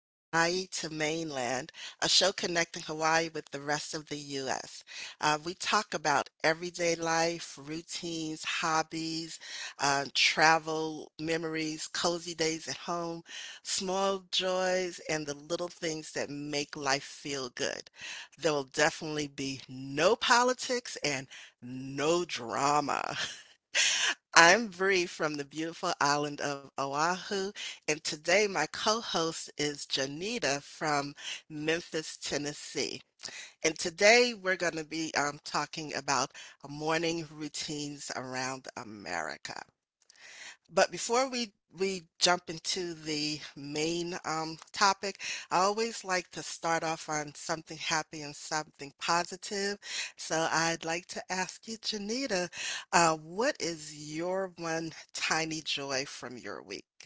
Hawaii to Mainland, a show connecting Hawaii with the rest of the U.S. We talk about everyday life, routines, hobbies, travel, memories, cozy days at home, small joys, and the little things that make life feel good. There will definitely be no politics and no drama. I'm Bree from the beautiful island of Oahu, and today my co-host is Janita from Memphis, Tennessee. And today we're going to be talking about morning routines around America. But before we jump into the main topic, I always like to start off on something happy and something positive. So I'd like to ask you, Janita, what is your one tiny joy from your week?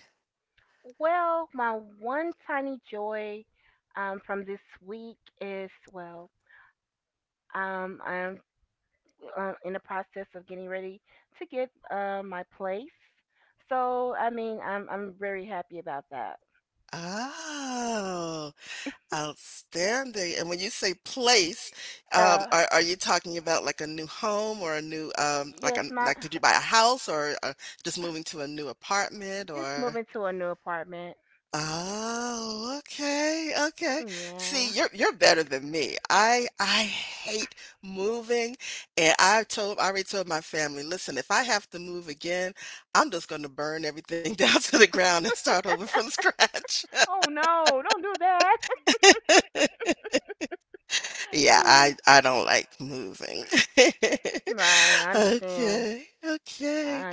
Oh, outstanding. And when you say place, are you talking about like a new home or a new, like a, like did you buy a house or just moving to a new apartment or? Oh, okay, okay. See, you're better than me. I hate moving, and I already told my family, listen, if I have to move again, I'm just going to burn everything down to the ground and start over from scratch. Yeah, I don't like moving. Okay, okay.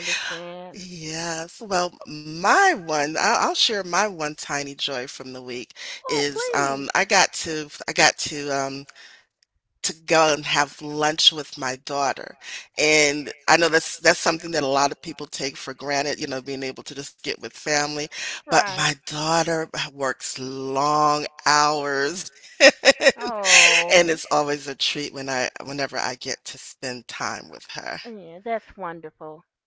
Yes. Well, I'll share my one tiny joy from the week is I got to to go and have lunch with my daughter, and I know that's something that a lot of people take for granted, you know, being able to just get with family. But my daughter works long hours, and it's always a treat whenever I get to spend time with her.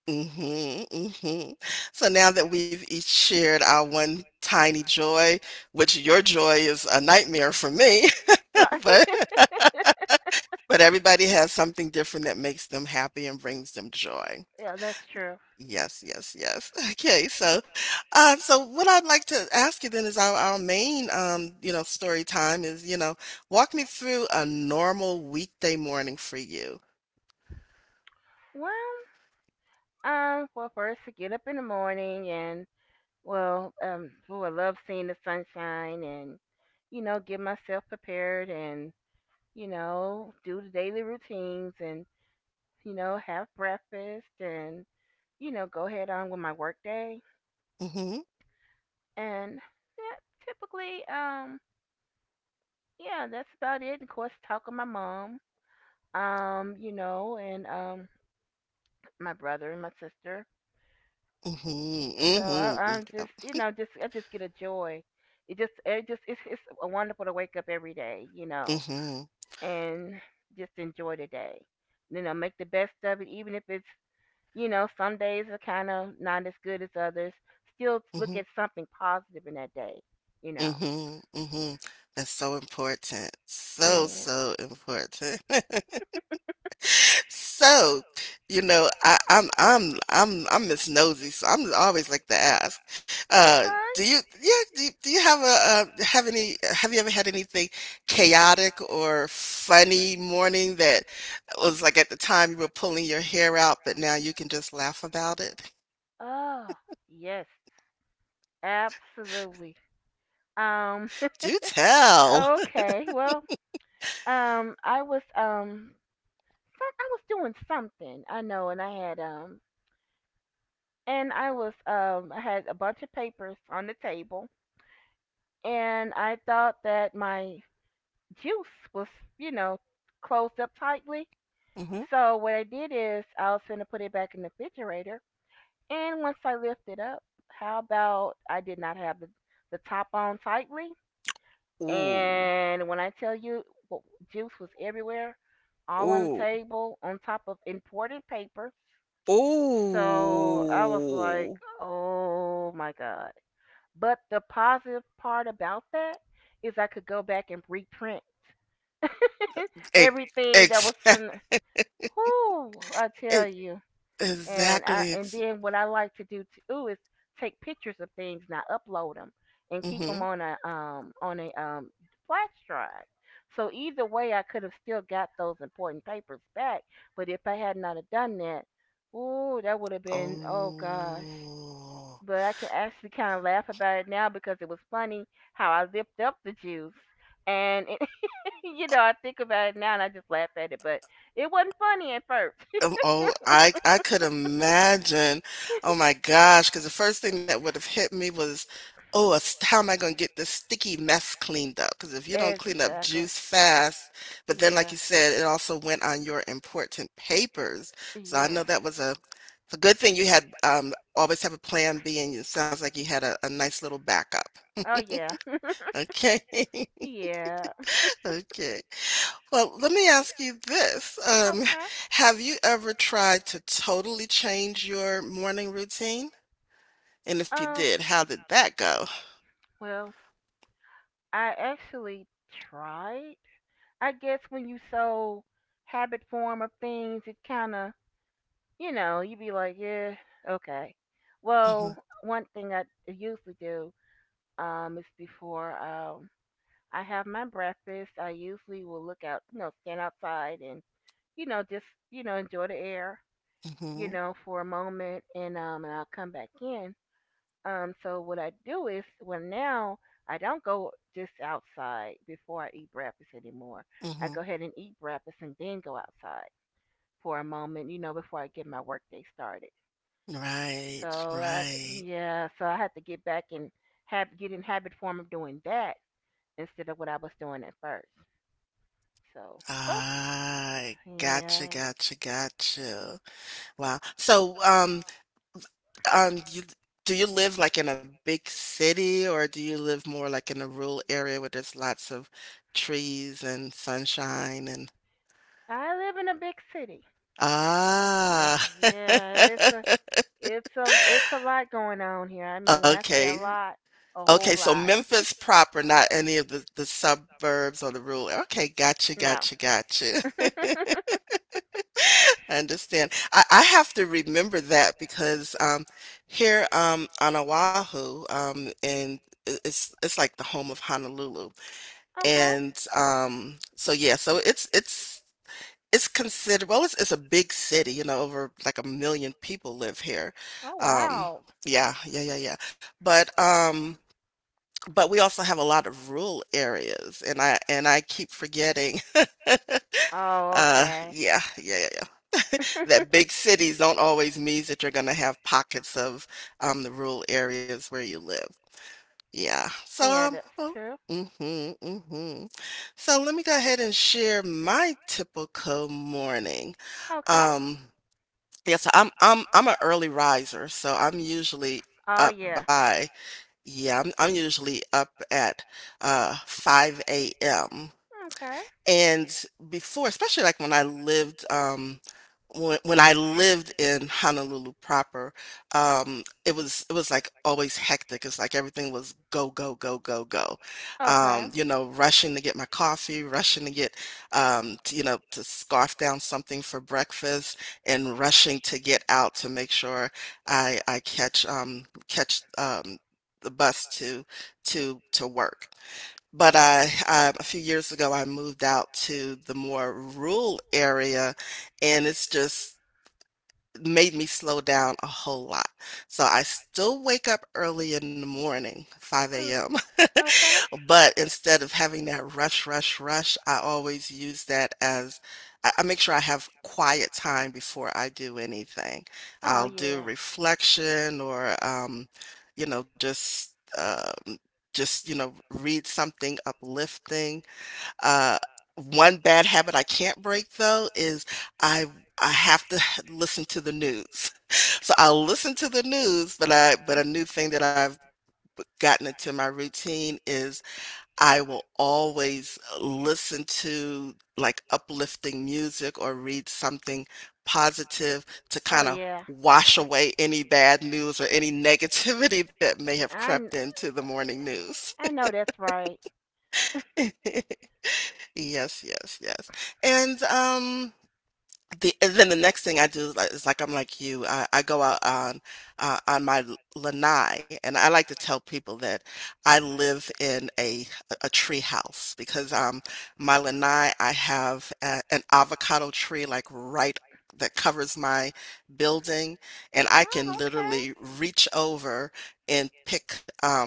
Mhm, mhm. So now that we've each shared our one tiny joy, which your joy is a nightmare for me, but but everybody has something different that makes them happy and brings them joy. Yes, yes, yes. Okay, so so what I'd like to ask you then is our main you know, story time is, you know, walk me through a normal weekday morning for you. Mhm, mhm, mhm, mhm, mhm, mhm, mhm. That's so important. So, so important. So, you know, I'm Miss Nosy, so I'm always like to ask, uh, do you yeah do you have a have you ever had anything chaotic or funny morning that was like at the time you were pulling your hair out, but now you can just laugh about it? Do tell. hmm Ooh, ooh, ooh. Ex- ex- Exactly, ex mhm. Oh. Oh, I could imagine. Oh my gosh! Because the first thing that would've hit me was, "Oh, a st how am I gonna get this sticky mess cleaned up? Because if you don't clean up juice fast but then like you said, it also went on your important papers, so I know that was a good thing you had, always have a plan B, and it sounds like you had a nice little backup. Okay. Okay. Well, let me ask you this. Have you ever tried to totally change your morning routine? And if you did, how did that go? Mhm, mhm, mhm. Right, right. Ah, gotcha, gotcha, gotcha. Wow. So, you, do you live like in a big city or do you live more like in a rural area where there's lots of trees and sunshine and Ah. Okay. Okay, so Memphis proper, not any of the suburbs or the rural. Okay, gotcha, gotcha, gotcha. I understand. I have to remember that because, here, on Oahu, and I it's like the home of Honolulu, and, so, yeah, so it's considered well, it's a big city, you know, over like a million people live here. Um, yeah, yeah, yeah, yeah. But um, but we also have a lot of rural areas, and I keep forgetting. Yeah, yeah, yeah, yeah. That big cities don't always means that you're gonna have pockets of the rural areas where you live. Yeah. So. Well, mm-hmm, mm-hmm. So let me go ahead and share my typical morning. Um, Yeah, so I'm an early riser, so up by I'm usually up at 5 a.m. And before, especially like when I lived, when I lived in Honolulu proper, it was like always hectic. It's like everything was go, go, go, go, go. You know, rushing to get my coffee, rushing to get, to, you know, to scarf down something for breakfast, and rushing to get out to make sure I catch the bus to work. But I a few years ago, I moved out to the more rural area, and it's just made me slow down a whole lot. So I still wake up early in the morning, 5 Mm. AM, Okay. but instead of having that rush, rush, rush, I always use that as I make sure I have quiet time before I do anything. Oh I'll do yeah. reflection or, you know, um, just, you know, read something uplifting. Uh, one bad habit I can't break though is I I have to listen to the news. So I'll listen to the news, but I but Uh, a new thing that I've gotten into my routine is I will always listen to like uplifting music or read something positive to Oh kind of yeah. wash away any bad news or any negativity that may have I crept kn- into the morning news. I know that's right. Yes, yes, yes. And the and then the next thing I do is like I'm like you. I go out on my lanai, and I like to tell people that I live in a tree house because my lanai I have a, an avocado tree like right that covers my building, and I can Oh, okay. literally reach over and pick um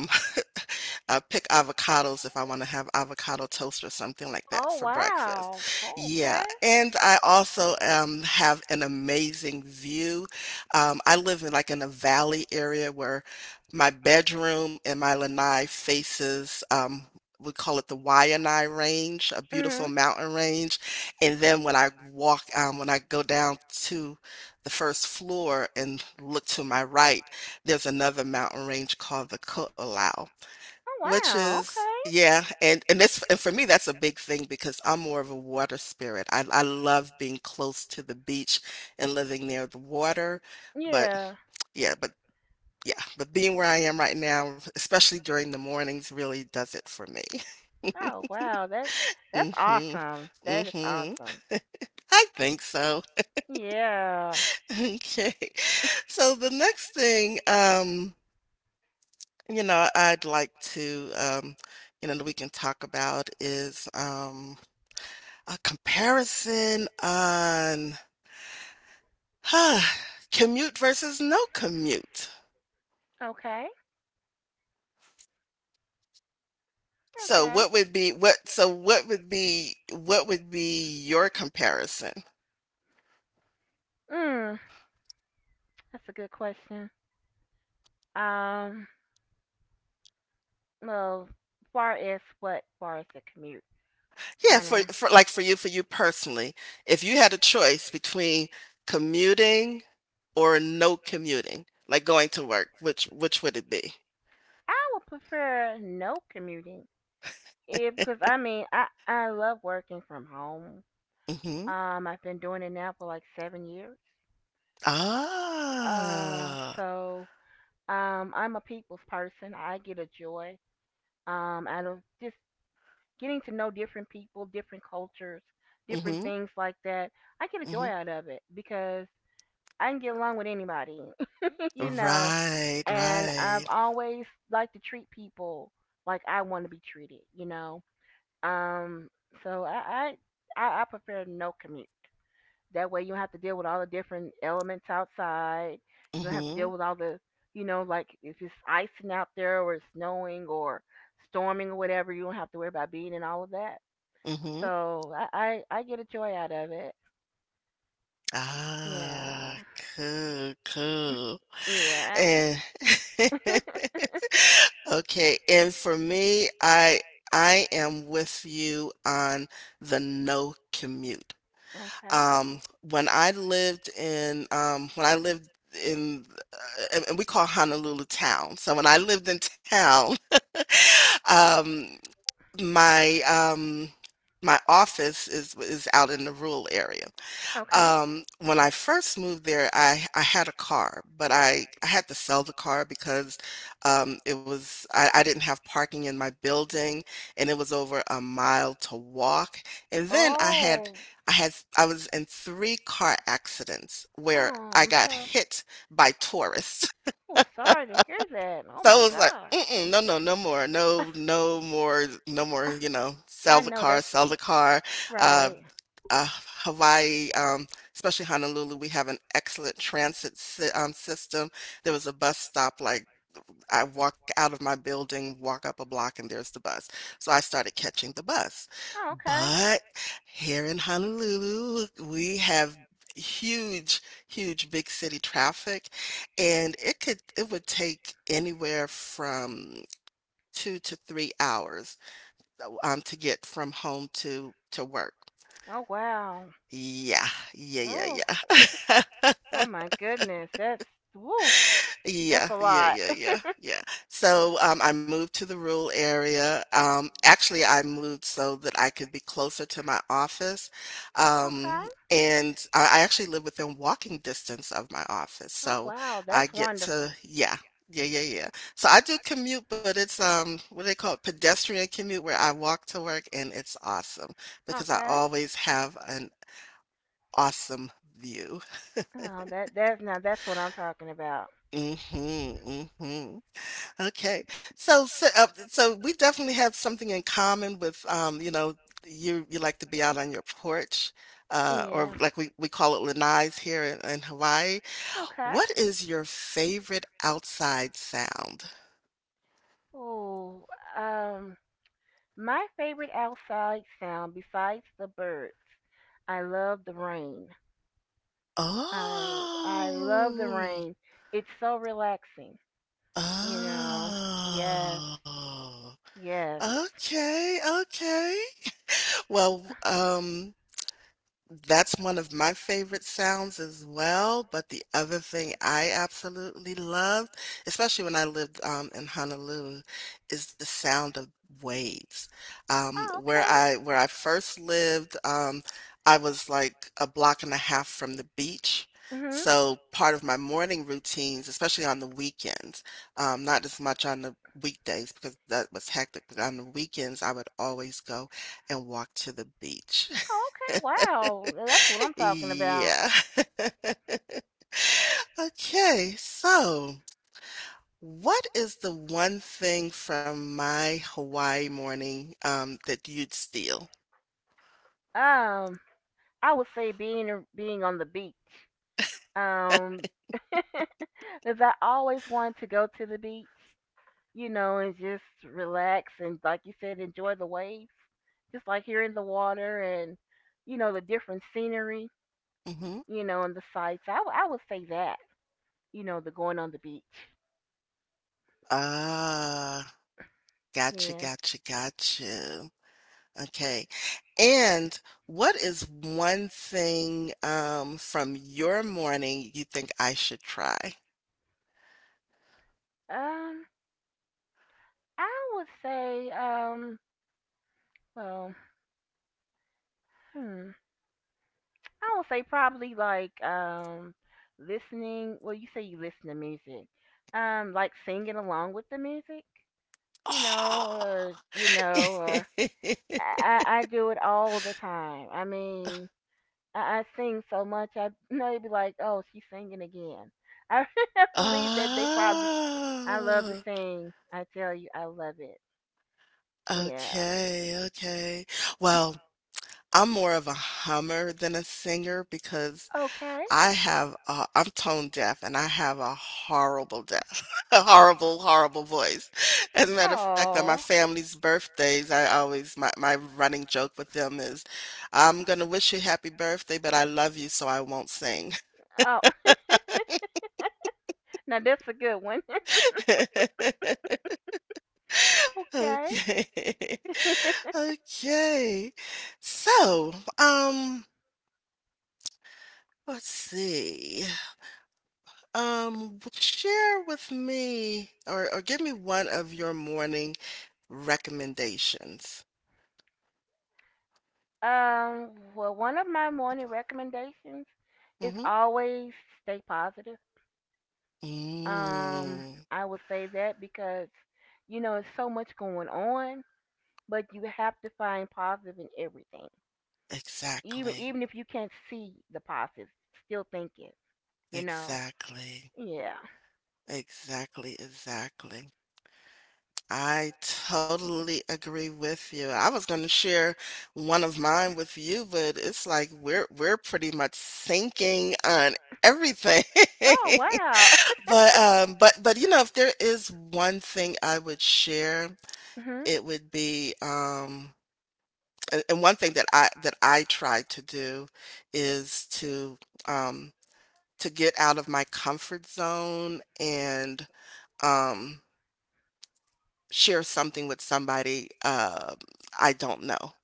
uh, pick avocados if I want to have avocado toast or something like that Oh for breakfast. wow. Oh, Yeah, okay. and I also have an amazing view. I live in like in a valley area where my bedroom and my lanai faces. We call it the Waianae Range, a beautiful Mhm. mountain range. And then when I walk, when I go down to the first floor and look to my right, there's another mountain range called the Ku'olau. Oh Which wow. is Okay. yeah, and this and for me that's a big thing because I'm more of a water spirit. I love being close to the beach and living near the water, but Yeah. yeah, but yeah, but being where I am right now, especially during the mornings, really does it for me. Oh wow. That's Mhm. awesome. That is Mhm. awesome. I think so. Yeah. Okay. So the next thing you know, I'd like to you know that we can talk about is a comparison on huh, commute versus no commute. Okay. So Okay. what would be what so what would be your comparison? Mm, that's a good question. Um, well, far as the commute. Yeah, Kind for, of. For you personally, if you had a choice between commuting or no commuting, like going to work, which would it be? I would prefer no commuting. If, 'Cause I mean, I love working from home. Mm-hmm. I've been doing it now for like 7 years. Uh, Ah. so I'm a people's person. I get a joy out of just getting to know different people, different cultures, different Mm-hmm. things like that. I get a joy Mm-hmm. out of it because I can get along with anybody, you know. Right, And I've right. always liked to treat people like I want to be treated, you know. Um, so I prefer no commute. That way you don't have to deal with all the different elements outside. You don't have to Mm-hmm. deal with all the you know, like if it's icing out there or it's snowing or storming or whatever, you don't have to worry about being in all of that. Mm-hmm. So I get a joy out of it. Yeah. Ah, cool, cool. Yeah. And okay, and for me, I am with you on the no commute. Okay. Um, when I lived in uh, and we call Honolulu town. So when I lived in town, um my my office is out in the rural area. Okay. When I first moved there, I had a car, but I had to sell the car because it was I didn't have parking in my building and it was over a mile to walk. And then I had Oh. I had I was in three car accidents Oh, where I I'm got sorry. hit by tourists. Oh, sorry to hear that. Oh So I my was like, God. Mm-mm, no, no, no more. You know, sell I the know car, that's sell the car. Uh, right. uh, Hawaii, especially Honolulu, we have an excellent transit system. There was a bus stop, like I walk out of my building, walk up a block, and there's the bus. So I started catching the bus. Oh, okay. But here in Honolulu, we have huge, huge big city traffic, and it could it would take anywhere from 2 to 3 hours to get from home to work. Oh wow. Yeah, yeah, yeah, Oh. yeah. Oh my goodness. That's Woo. That's Yeah, a yeah, lot. yeah, yeah, yeah. So, I moved to the rural area. Actually, I moved so that I could be closer to my office. Okay. And I actually live within walking distance of my office. Oh So wow. I That's get to, wonderful. yeah, yeah. So I do commute, but it's what do they call it? Pedestrian commute where I walk to work, and it's awesome because I Okay. always have an awesome view. Oh, that's what I'm talking about. Mm-hmm, mm-hmm. Okay. So we definitely have something in common with, you like to be out on your porch, or Yeah. like we call it lanais here in Hawaii. Okay. What is your favorite outside sound? Oh. Um. My favorite outside sound besides the birds. I love the rain. I I love the Oh, rain. It's so relaxing, you know. Yes, oh, yes. okay, okay. Well, that's one of my favorite sounds as well, but the other thing I absolutely loved, especially when I lived, in Honolulu, is the sound of waves. Oh, okay. Where I first lived, I was like a block and a half from the beach. Mhm. So part of my morning routines, especially on the weekends, not as much on the weekdays because that was hectic, but on the weekends I would always go and walk to the beach. Oh, okay. Wow, that's what I'm talking about. Yeah. Okay, so what is the one thing from my Hawaii morning that you'd steal? Um, I would say being on the beach. Because I always wanted to go to the beach, you know, and just relax and, like you said, enjoy the waves, just like you're in the water and, you know, the different scenery, hmm you know, on the side. So I would say that, you know, the going on the beach. Ah, gotcha, Yeah. gotcha, gotcha. Okay. And what is one thing from your morning you think I should try? Um, I would say, um, well, hmm, I would say probably listening. Well, you say you listen to music. Like singing along with the music. You know, or I do it all the time. I mean, I sing so much, I know you'd be like, oh, she's singing again. I believe that Oh. they probably. I love to Oh. sing. I tell you, I love it. Yeah. Okay, okay. Well, I'm more of a hummer than a singer because Okay. I have I'm tone deaf and I have a horrible deaf, a horrible, horrible voice. As a matter of fact, on my Oh. family's birthdays, my running joke with them is, I'm gonna wish you happy birthday, but I love you, so I won't sing. Oh. Now that's a good one. okay. Okay, okay. So, um, let's see. Share with me or give me one of your morning recommendations. Um. Well, one of my morning recommendations is Mm-hmm. always stay positive. Um. Mm, I would say that because you know it's so much going on, but you have to find positive in everything. Exactly. Even if you can't see the positive, still think it. You know. Exactly. Yeah. Exactly. Exactly. I totally agree with you. I was going to share one of mine with you, but it's like we're pretty much syncing on everything. Oh wow. But you know, if there is one thing I would share, Hmm. it would be, and one thing that I try to do is um to get out of my comfort zone and, um, share something with somebody, I don't know.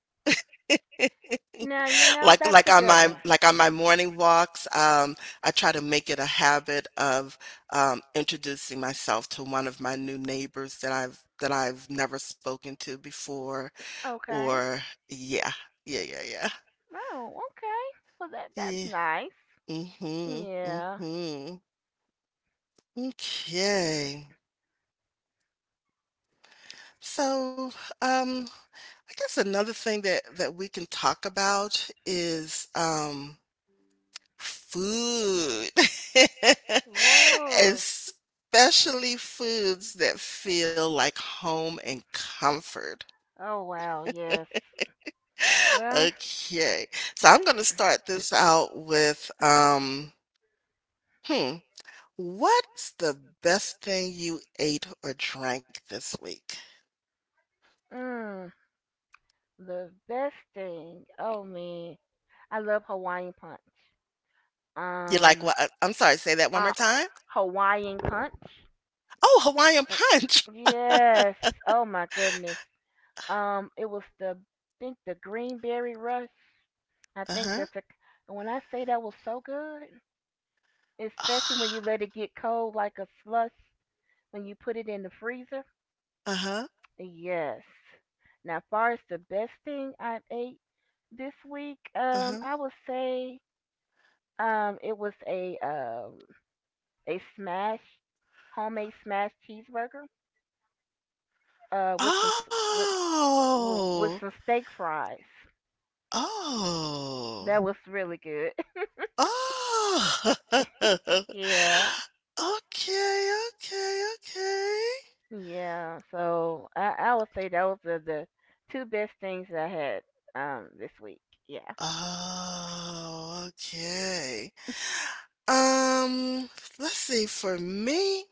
Now you know that's a good one. On my morning walks, I try to make it a habit of, introducing myself to one of my new neighbors that I've never spoken to before Okay. or yeah. Yeah, yeah, yeah. Oh, okay. Well, that that's Yeah. nice. Mhm. Yeah. Mhm. Okay. So, um, I guess another thing that that we can talk about is food. Oh, yeah. Especially foods that feel like home and comfort. Oh wow. Yes. Well. Okay. So I'm going to start this out with hmm, what's the best thing you ate or drank this week? Mm, the best thing. Oh man, I love Hawaiian punch. You're like, Um. well, I'm sorry, say that one more uh time. Hawaiian Punch. Oh, Hawaiian Uh, punch. Yes. Oh my goodness. It was the I think the Greenberry Rush. I Uh think huh. that's a. When I say that was so good, especially when you let it get cold like a slush when you put it in the freezer. Uh huh. Yes. Now, far as the best thing I've ate this week, Uh huh. I would say it was a smash homemade smash cheeseburger uh with some s- with with Oh. some steak fries. Oh. That was really good. Oh. Okay. yeah, Okay. Okay. yeah. So I would say those are the two best things I had this week. Yeah. Oh. Okay. Um. Let's see. For me,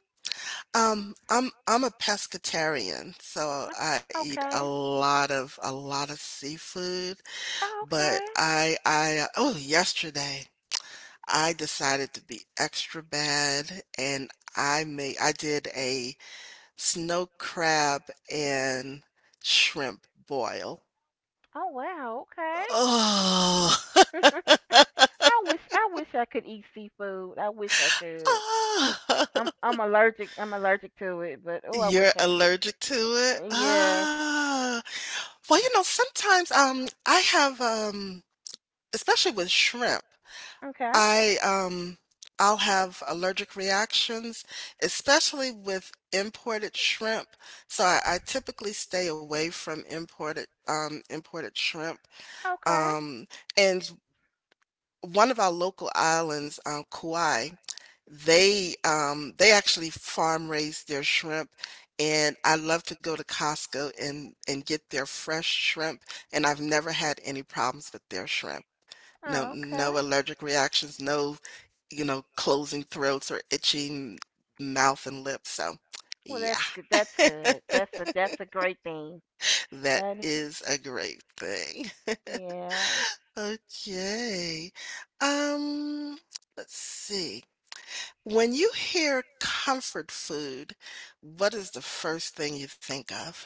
I'm a pescatarian, so I eat a Okay. lot of seafood. Oh, But okay. I oh, yesterday, I decided to be extra bad, and I did a snow crab and shrimp boil. Oh wow. Okay. Oh. I wish I could eat seafood. I wish I could. Ah. I'm allergic. I'm allergic to it. But oh, I wish You're I allergic to it? could. Yes. Ah. Well, you know, sometimes, I have, especially with shrimp, Okay. I um I'll have allergic reactions, especially with imported shrimp. So I typically stay away from imported imported shrimp. Okay. Um, and one of our local islands, Kauai, they actually farm raise their shrimp, and I love to go to Costco and get their fresh shrimp, and I've never had any problems with their shrimp. No Oh, okay. no allergic reactions, no, you know, closing throats or itching mouth and lips, so, Well, yeah. that's good. That's good. That's a great thing. That That is, is a great thing. yeah. Okay, um, let's see. When you hear comfort food, what is the first thing you think of?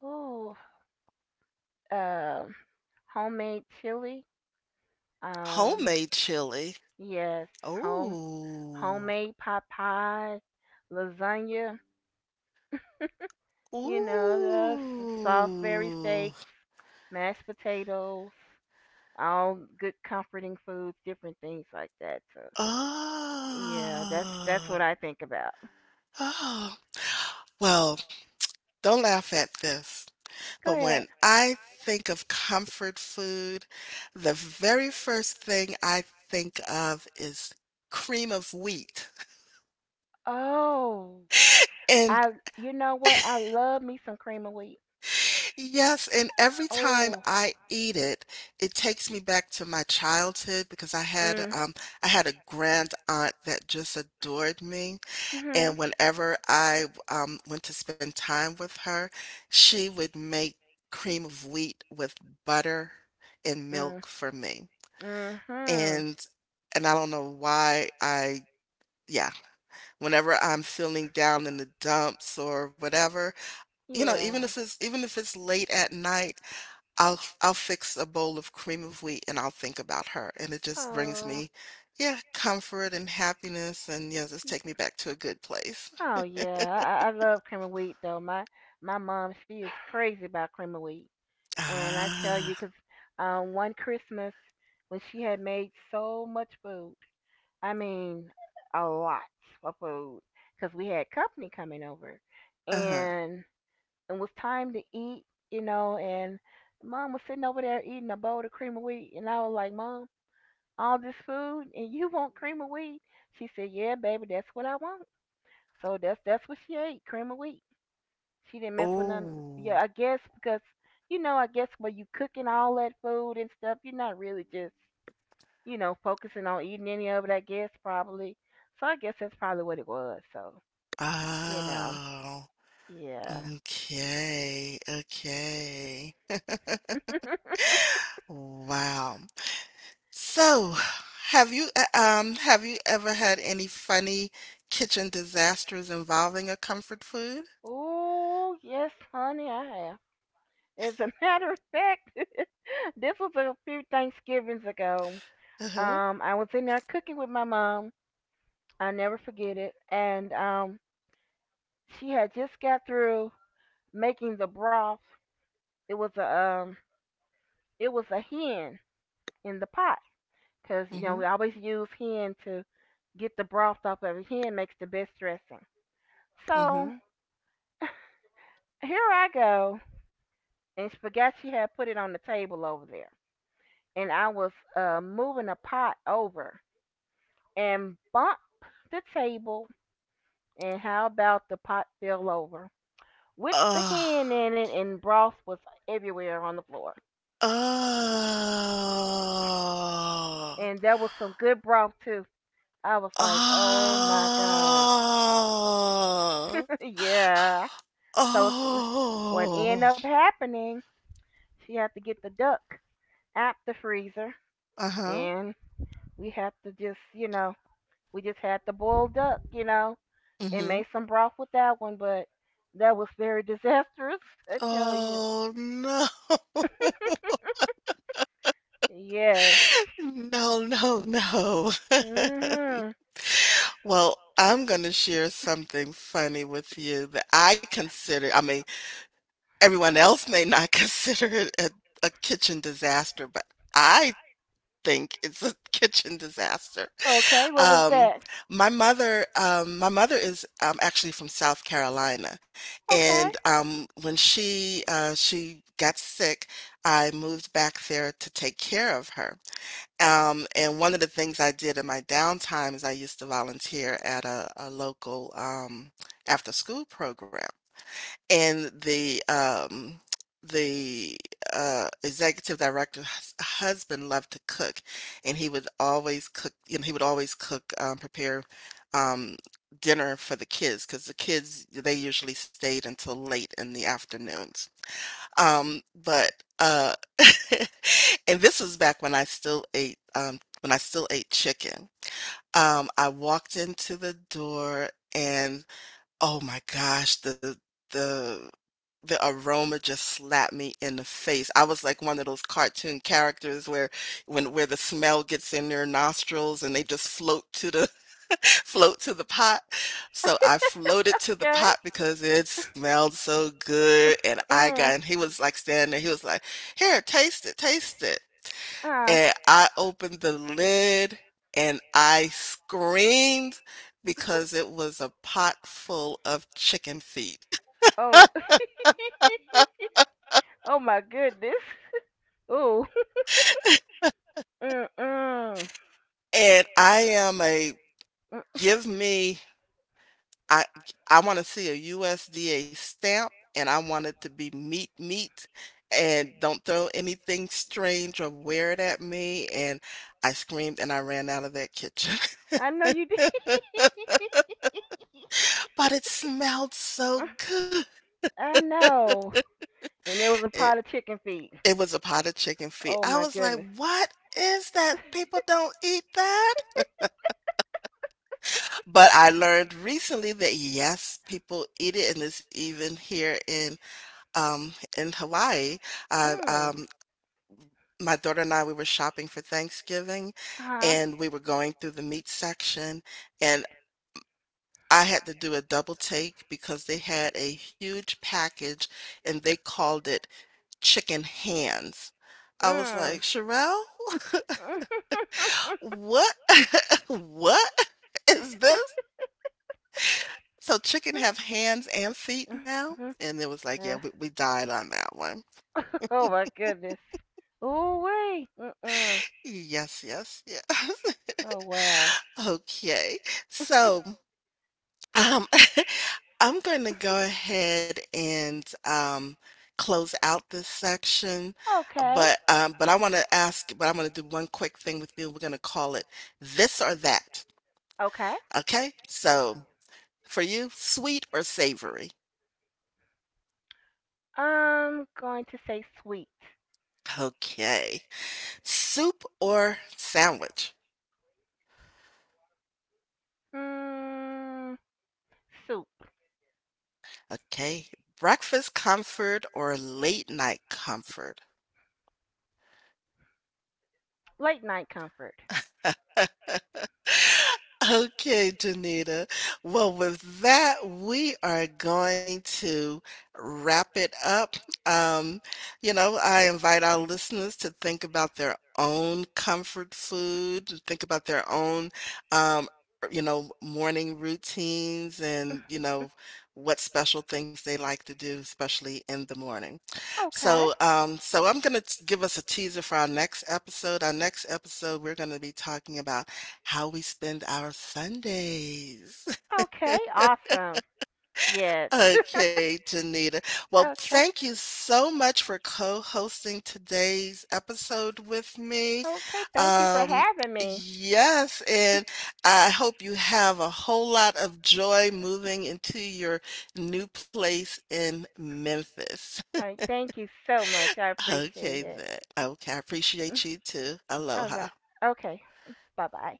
Oh, um, homemade chili. Um, Homemade chili. yes, home Oh, homemade pot pie, lasagna. You know, that's the Salisbury ooh. steaks, mashed potatoes, all good comforting foods, different things like that. So, yeah, that's Oh. what I think about. Oh. Well, don't laugh at this, Go but ahead. when I think of comfort food, the very first thing I think of is cream of wheat. Oh, And I you know what? I love me some cream of wheat. yes, and every time Oh. I eat it, it takes me back to my childhood because Mm. I had a grand aunt that just adored me. Mhm. And whenever I went to spend time with her, she would make cream of wheat with butter and Mm. milk for me. Mhm. And I don't know why yeah, whenever I'm feeling down in the dumps or whatever, you know, Yeah. Even if it's late at night, I'll fix a bowl of cream of wheat and I'll think about her. And it just brings Oh. me, yeah, comfort and happiness and yeah, just take me back to a good place. Oh yeah, I love cream of wheat though. My mom, she is crazy about cream of wheat, and I tell you, Ah. 'cause one Christmas when she had made so much food, I mean, a lot of food, 'cause we had company coming over, Uh-huh. and and it was time to eat, you know, and mom was sitting over there eating a bowl of cream of wheat, and I was like, Mom, all this food, and you want cream of wheat? She said, Yeah, baby, that's what I want. So that's what she ate, cream of wheat. She didn't mess with none. Oh. Yeah, I guess because you know, I guess when you cooking all that food and stuff, you're not really just you know focusing on eating any of it. I guess probably. So I guess that's probably what it was. So you know, Oh. yeah. Okay. Okay. Wow. So, have you ever had any funny kitchen disasters involving a comfort food? Oh yes, honey, I have. As a matter of fact, this was a few Thanksgivings ago. Uh-huh. I was in there cooking with my mom. I never forget it. And she had just got through making the broth. It was a um, hen in the pot because you know Mm-hmm. we always use hen to get the broth off of it. Hen makes the best dressing. So Mm-hmm. here I go, and she forgot she had put it on the table over there, and I was moving a pot over and bumped the table, and how about the pot fell over with the Oh. hen in it, and broth was everywhere on the floor. Oh. And there was some good broth too. I was like, oh my god, Oh. yeah. So what ended Oh. up happening. She had to get the duck out the freezer, Uh-huh. and we had to just, you know, we just had to boil duck, you know, and Mhm. made some broth with that one. But that was very disastrous, I tell you. Oh, no. Yes. No, no, no. Mhm. Well, I'm gonna share something funny with you that I consider, I mean, everyone else may not consider it a kitchen disaster, but I think it's a kitchen disaster. Okay. What was Um, that? My mother is actually from South Carolina, and Okay. When she got sick, I moved back there to take care of her. And one of the things I did in my downtime is I used to volunteer at a local after school program, and the, executive director's husband loved to cook, and he would always cook, you know, he would always prepare, um, dinner for the kids because the kids, they usually stayed until late in the afternoons. But and this was back when I still ate, when I still ate chicken. I walked into the door and oh my gosh, the the aroma just slapped me in the face. I was like one of those cartoon characters where the smell gets in their nostrils and they just float to the float to the pot. So I floated to the Okay. pot because it smelled so good and I Mhm. got and he was like standing there, he was like, here, taste it, taste it, Ah. and I opened the lid and I screamed because it was a pot full of chicken feet. Oh. oh my goodness. Ooh. Mm mm. And I am a give me I I want to see a USDA stamp and I want it to be meat meat, and don't throw anything strange or weird at me, and I screamed and I ran out of that kitchen. I know you did. But it smelled so good. I know. And it was a It pot of chicken feet. It was a potted chicken feet. Oh I my was like, goodness. "What is that? People don't eat that?" But I learned recently that, yes, people eat it, and it's even here in Hawaii. I, Mm. um my daughter and I, we were shopping for Thanksgiving, Huh. and we were going through the meat section, and I had to do a double take because they had a huge package, and they called it chicken hands. I was Mm. like, "Sherelle? What? What is this? So chicken have hands and feet now?" Mhm. And it was like, yeah, Uh, we died on that one. oh my goodness. Ooh wee. Mm mm. Yes, yes, yes. Oh well. Okay. So um I'm going to go ahead and close out this section, Okay. but I want to ask, but I'm going to do one quick thing with you. We're going to call it this or that. Okay. Okay? So for you, sweet or savory? I'm going to say sweet. Okay. Soup or sandwich? Mm, Soup. Okay. Breakfast comfort or late night comfort? Late night comfort. Okay, Janita. Well, with that, we are going to wrap it up. Um, you know, I invite our listeners to think about their own comfort food, to think about their own, um, you know, morning routines and, you know, what special things they like to do, especially in the morning. Okay. So, I'm gonna give us a teaser for our next episode. Our next episode, we're gonna be talking about how we spend our Sundays. Okay. Awesome. Yes. Okay, Janita. Well, Okay. thank you so much for co-hosting today's episode with me. Okay. Thank you for Um, having me. yes, and I hope you have a whole lot of joy moving into your new place in Memphis. All right. Thank you so much. I appreciate Okay it. then. Okay, I appreciate you too. All right. Aloha. Okay. Bye bye.